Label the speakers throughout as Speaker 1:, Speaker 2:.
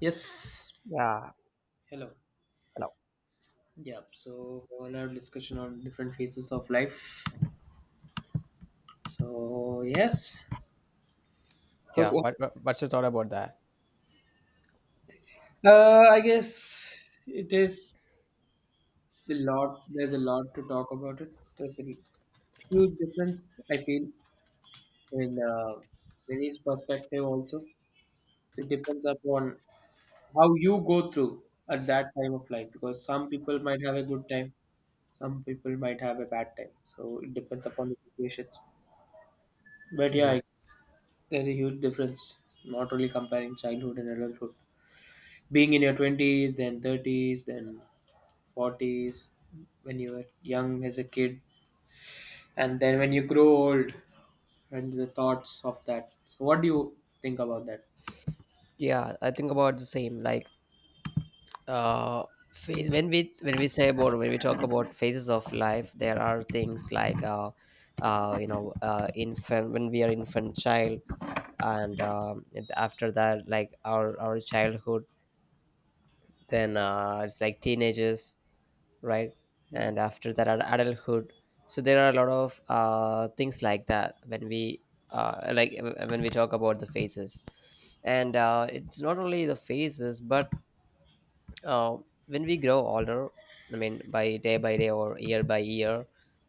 Speaker 1: Yes.
Speaker 2: Yeah.
Speaker 1: Hello.
Speaker 2: Hello.
Speaker 1: Yeah. So we will have discussion on different phases of life. So yes.
Speaker 2: Yeah,
Speaker 1: Okay.
Speaker 2: what, what's your thought about that?
Speaker 1: I guess it is a lot. There's a lot to talk about it. There's a huge difference I feel in Vinny's perspective also. So it depends upon how you go through at that time of life because some people might have a good time, some people might have a bad time. So it depends upon the situations. But yeah,
Speaker 2: Mhm.
Speaker 1: it's, there's a huge difference. Not only comparing childhood and adulthood. Being in your twenties, then thirties, then forties, when you were young as a kid, and then when you grow old, and the thoughts of that. So, what do you think about that?
Speaker 2: Yeah, I think about the same. Like uh, phase when we talk about phases of life, there are things like infant when we are infant child, and after that, like our childhood. Then it's like teenagers, right?
Speaker 1: Hmm.
Speaker 2: And after that, adulthood. So there are a lot of things like that when we like when we talk about the phases, and it's not only the phases, but uh, when we grow older, I mean, by day or year by year,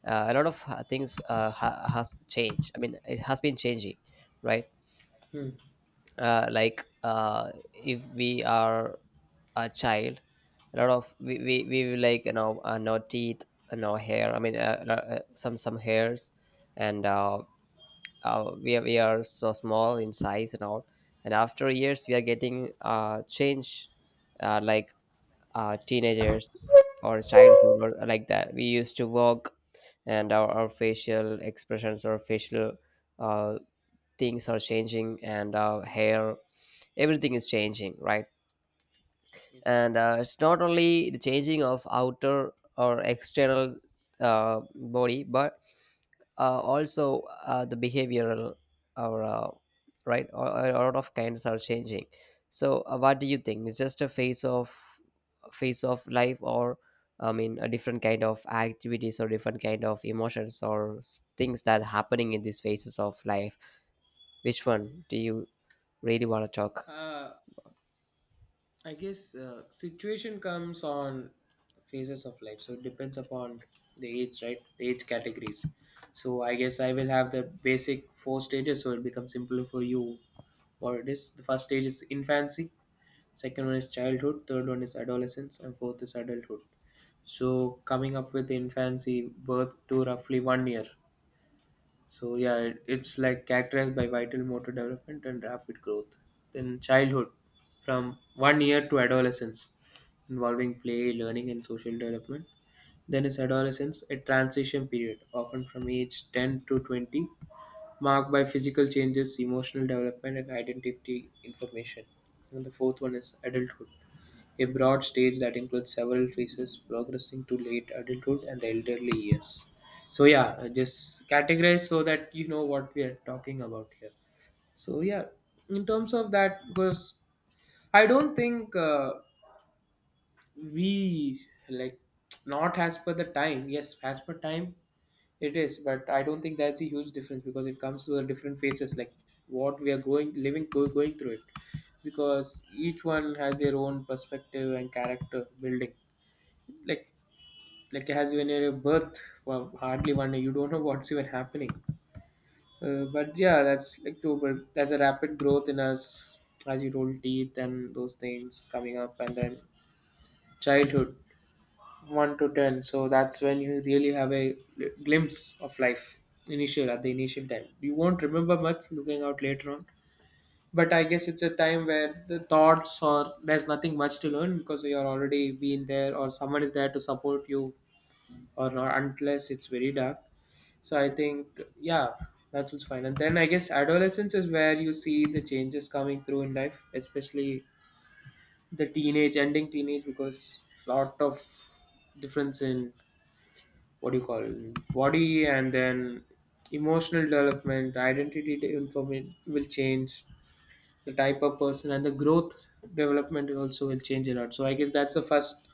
Speaker 2: a lot of things has changed. I mean, it has been changing, right?
Speaker 1: Hmm.
Speaker 2: Like if we are a child, a lot of we will, like, you know, no teeth, no hair, I mean, some hairs, and we are, we are so small in size and all. And after years we are getting change, like teenagers or childhood or like that. We used to walk, and our facial expressions or facial uh, things are changing, and our hair, everything is changing, right?
Speaker 1: Yes.
Speaker 2: And it's not only the changing of outer or external body, but also the behavioral or right, a lot of kinds are changing. So what do you think? It's just a phase of life, or I mean a different kind of activities or different kind of emotions or things that are happening in these phases of life, which one do you really want to talk?
Speaker 1: Uh, I guess situation comes on phases of life, so it depends upon the age, right? The age categories. So I guess I will have the basic four stages, so it becomes simpler for you. What it is? The first stage is infancy, second one is childhood, third one is adolescence, and fourth is adulthood. So coming up with infancy birth to roughly 1 year. So yeah, it's like characterized by vital motor development and rapid growth. Then childhood, from 1 year to adolescence, involving play, learning, and social development. Then is adolescence, a transition period, often from age 10 to 20, marked by physical changes, emotional development, and identity information. And the fourth one is adulthood, a broad stage that includes several phases progressing to late adulthood and the elderly years. So yeah, just categorize so that you know what we are talking about here. So yeah, in terms of that, because I don't think we like not as per the time. Yes, as per time it is, but I don't think that's a huge difference because it comes to the different phases, like what we are going through it, because each one has their own perspective and character building, like like as when you're a birth for hardly 1 day you don't know what's even happening, but yeah that's like too, but there's a rapid growth in us, as you told teeth and those things coming up, and then childhood 1 to 10, so that's when you really have a glimpse of life. Initial at the initial time you won't remember much looking out later on, but I guess it's a time where the thoughts or there's nothing much to learn because you're already been there or someone is there to support you, or not unless it's very dark. So I think yeah, that was fine. And then I guess adolescence is where you see the changes coming through in life, especially the teenage, because lot of difference in what do you call body and then emotional development, identity information will change. The type of person and the growth development also will change a lot. So I guess that's the first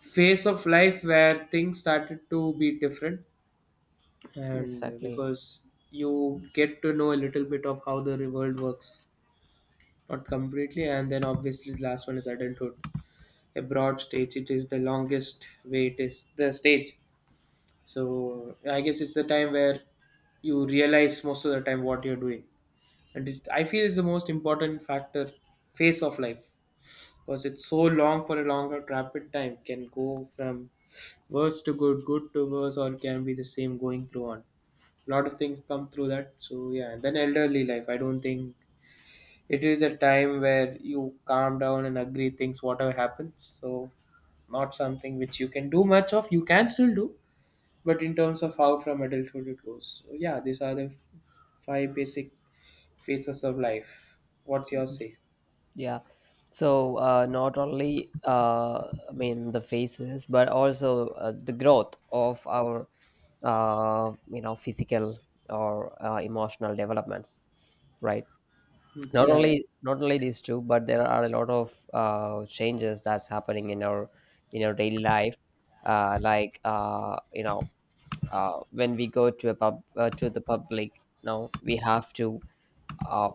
Speaker 1: phase of life where things started to be different, and
Speaker 2: Exactly.
Speaker 1: because you get to know a little bit of how the world works, not completely, and then obviously the last one is adulthood, a broad stage it is, the longest way it is the stage. So I guess it's the time where you realize most of the time what you're doing, and it, I feel it's the most important factor phase of life, because it's so long for a longer rapid time, can go from worse to good, good to worse, or it can be the same going through on. A lot of things come through that. So yeah, and then elderly life. I don't think it is a time where you calm down and agree things whatever happens. So not something which you can do much of. You can still do, but in terms of how from adulthood it goes. So yeah, these are the five basic phases of life. What's your say?
Speaker 2: Yeah. So not only I mean the faces, but also the growth of our you know, physical or emotional developments, right?
Speaker 1: Hmm.
Speaker 2: Not
Speaker 1: Yeah, yeah.
Speaker 2: only not only these two, but there are a lot of changes that's happening in our, in our daily life. Like you know, when we go to a pub to the public, now we have to, uh,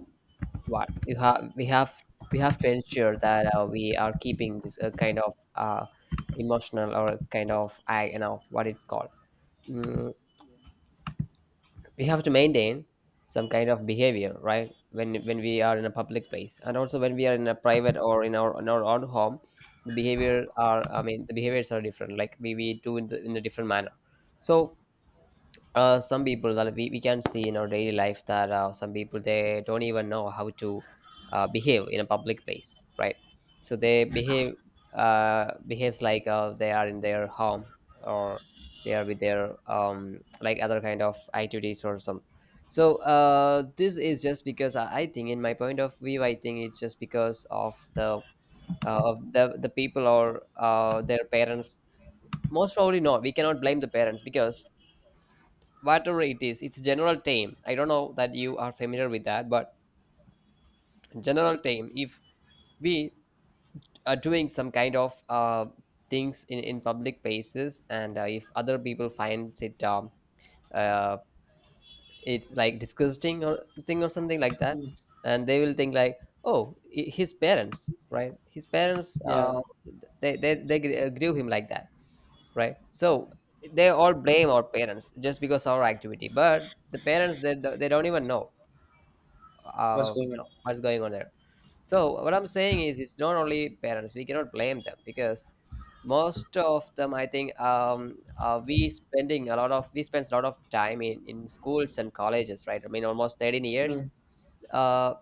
Speaker 2: what you have, we have, we have to ensure that we are keeping this kind of emotional, or kind of, I, you know what it's called, mm, we have to maintain some kind of behavior, right? When we are in a public place, and also when we are in a private or in our own home, the behavior are, I mean the behaviors are different, like we do in, the, in a different manner. So some people that we can see in our daily life, that some people, they don't even know how to behave in a public place, right? So they behave, behaves like they are in their home, or they are with their like other kind of activities or some. So this is just because I think, in my point of view, I think it's just because of the of the people or their parents. Most probably not, we cannot blame the parents, because whatever it is, it's general time, I don't know that you are familiar with that, but general time, if we are doing some kind of things in public places, and if other people finds it, uh, it's like disgusting, or thing, or something like that,
Speaker 1: Hmm.
Speaker 2: and they will think like, oh, his parents, right, his parents,
Speaker 1: Yeah.
Speaker 2: they grew him like that, right? So they all blame our parents just because of our activity, but the parents, they don't even know,
Speaker 1: What's going on?
Speaker 2: No, what's going on there. So what I'm saying is, it's not only parents, we cannot blame them, because most of them, I think, we spending a lot of, we spend a lot of time in schools and colleges, right? I mean, almost 13
Speaker 1: Hmm.
Speaker 2: years. Uh,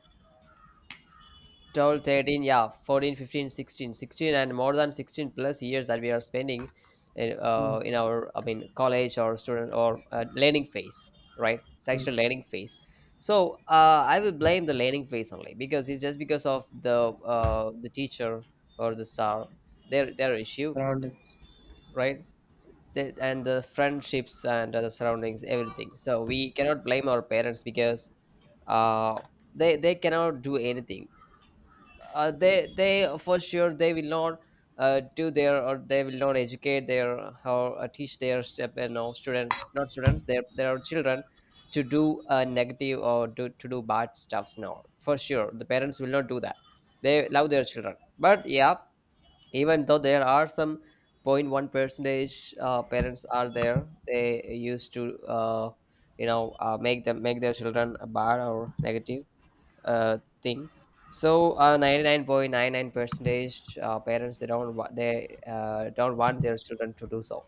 Speaker 2: 12, 13, yeah, 14, 15, 16, 16, and more than 16 plus years that we are spending
Speaker 1: Hmm.
Speaker 2: in our, I mean college or student or learning phase, right? It's
Speaker 1: Hmm.
Speaker 2: actually learning phase. So I will blame the learning phase only, because it's just because of the teacher or the star, their issue,
Speaker 1: Surroundings.
Speaker 2: right? The, and the friendships and the surroundings, everything. So we cannot blame our parents, because uh, they cannot do anything. They for sure they will not do their, or they will not educate their or teach their step, you know, students, not students, their children, to do negative, or do, to do bad stuffs. No, for sure the parents will not do that. They love their children. But yeah, even though there are some 0.1% parents are there, they used to uh, make them, make their children bad or negative thing. So 99.99% parents, they don't want their children to do so.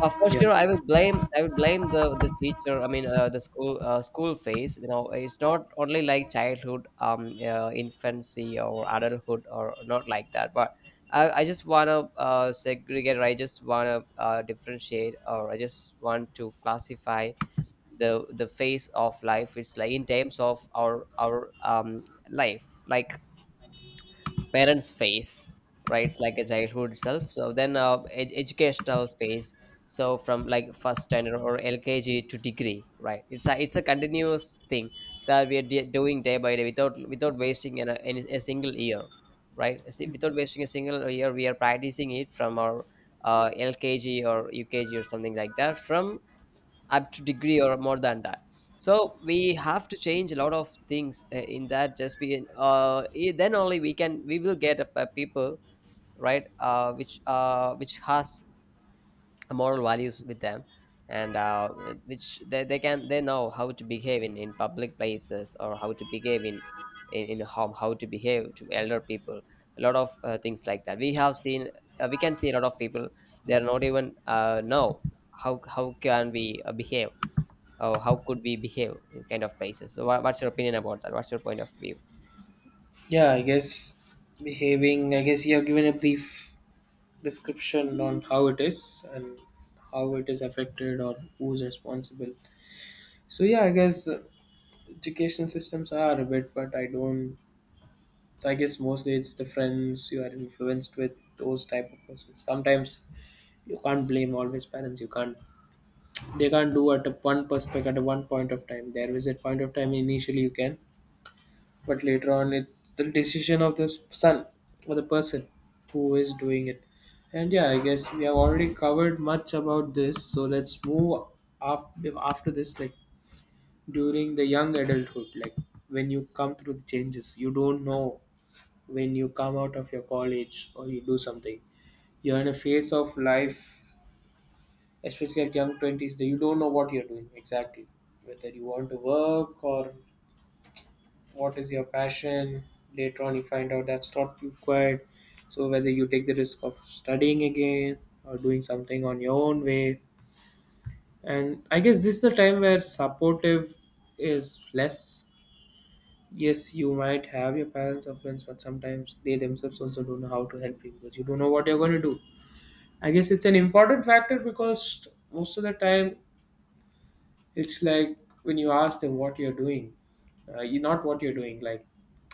Speaker 2: For
Speaker 1: Yeah,
Speaker 2: sure, I will blame the teacher. I mean the school, school phase. You know, it's not only like childhood, infancy or adulthood or not like that. But I just wanna segregate, or I just wanna differentiate, or I just want to classify the phase of life. It's like, in terms of our life, like parents phase, right, it's like a childhood itself. So then educational phase. So from like first standard or LKG to degree, right, it's a, it's a continuous thing that we are doing day by day, without wasting an, any a single year, right? See, without wasting a single year, we are practicing it from our LKG or UKG or something like that, from up to degree or more than that. So we have to change a lot of things in that, just be then only we can, we will get a people, right, which has moral values with them, and which they can, they know how to behave in public places, or how to behave in, in home, how to behave to elder people. A lot of things like that we have seen. We can see a lot of people, they are not even know how can we behave, oh how could we behave kind of places. So what's your opinion about that? What's your point of view?
Speaker 1: yeah. I guess behaving. I guess you have given a brief description on how it is and how it is affected or who's responsible. So yeah, I guess education systems are a bit, but I don't. So I guess mostly it's the friends, you are influenced with those type of persons sometimes. You can't blame always parents, you can't. They can't do at a one perspective at a one point of time. There is a point of time initially you can, but later on it's the decision of the son or the person who is doing it. And yeah, I guess we have already covered much about this, so let's move. After this, like during the young adulthood, like when you come through the changes you don't know, when you come out of your college or you do something, you're in a phase of life, especially at young 20s, that you don't know what you're doing exactly, whether you want to work or what is your passion. Later on you find out that's not required. So whether you take the risk of studying again or doing something on your own way. And I guess this is the time where supportive is less. Yes, you might have your parents or friends, but sometimes they themselves also don't know how to help you because you don't know what you're going to do. I guess it's an important factor because most of the time it's like when you ask them what you're doing, you not what you're doing. Like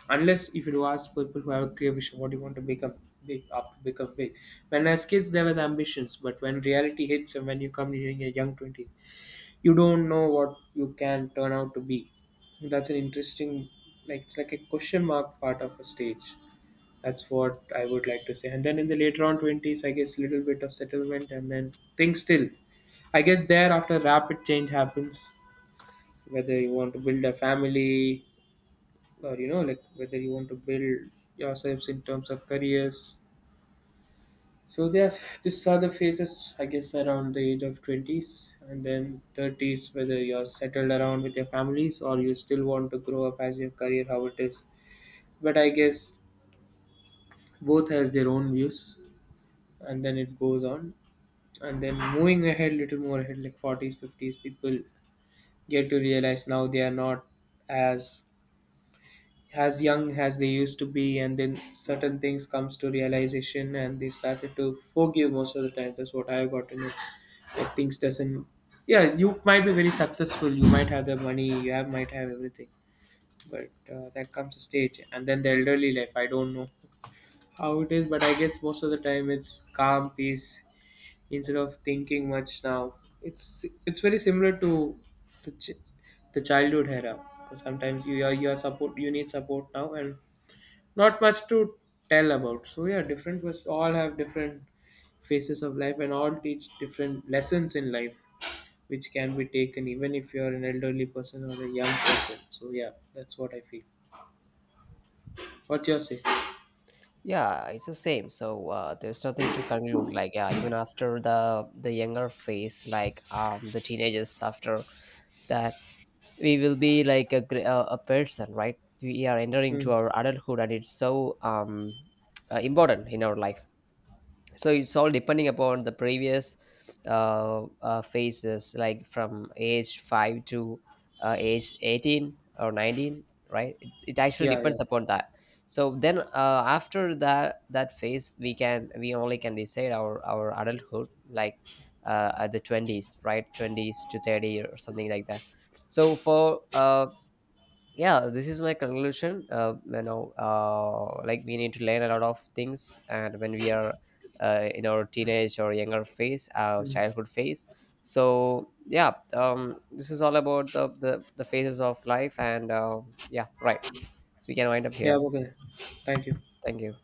Speaker 1: unless if you ask people who have a clear vision, what do you want to become, big up become big. When as kids there were ambitions, but when reality hits and when you come during your young twenties, you don't know what you can turn out to be. That's an interesting, like it's like a question mark part of a stage. That's what I would like to say. And then in the later on twenties, I guess little bit of settlement and then things still. I guess there after rapid change happens, whether you want to build a family or you know like whether you want to build yourselves in terms of careers, so there. These are the phases I guess around the age of 20s, and then 30s, whether you're settled around with your families or you still want to grow up as your career, how it is. But I guess both has their own views, and then it goes on. And then moving ahead, little more ahead, like 40s 50s, people get to realize now they are not as as young as they used to be, and then certain things comes to realization and they started to forgive most of the time, that's what I've gotten it. Like things doesn't, yeah, you might be very successful, you might have the money, you have might have everything, but that comes a stage. And then the elderly life, I don't know how it is, but I guess most of the time it's calm peace, instead of thinking much now. It's very similar to the, the childhood era, because sometimes you are support, you need support now, and not much to tell about. So yeah, different was all have different phases of life and all teach different lessons in life, which can be taken even if you're an elderly person or a young person. So yeah, that's what I feel. What's your say?
Speaker 2: Yeah, it's the same. So there's nothing to conclude, like, yeah, even after the younger phase, like the teenagers, after that we will be like a a person, right? We are entering
Speaker 1: Hmm.
Speaker 2: to our adulthood, and it's so important in our life. So it's all depending upon the previous phases, like from age 5 to age 18 or 19, right? It actually
Speaker 1: Yeah, yeah.
Speaker 2: depends upon that. So then after that, that phase, we can, we only can decide our adulthood, like at the 20s, right, 20s to 30 or something like that. So for yeah, this is my conclusion. Like, we need to learn a lot of things, and when we are in our teenage or younger phase, our childhood phase. So yeah, this is all about the phases of life. And yeah, right, so we can wind up
Speaker 1: Yeah,
Speaker 2: here.
Speaker 1: okay. Thank you.
Speaker 2: Thank you.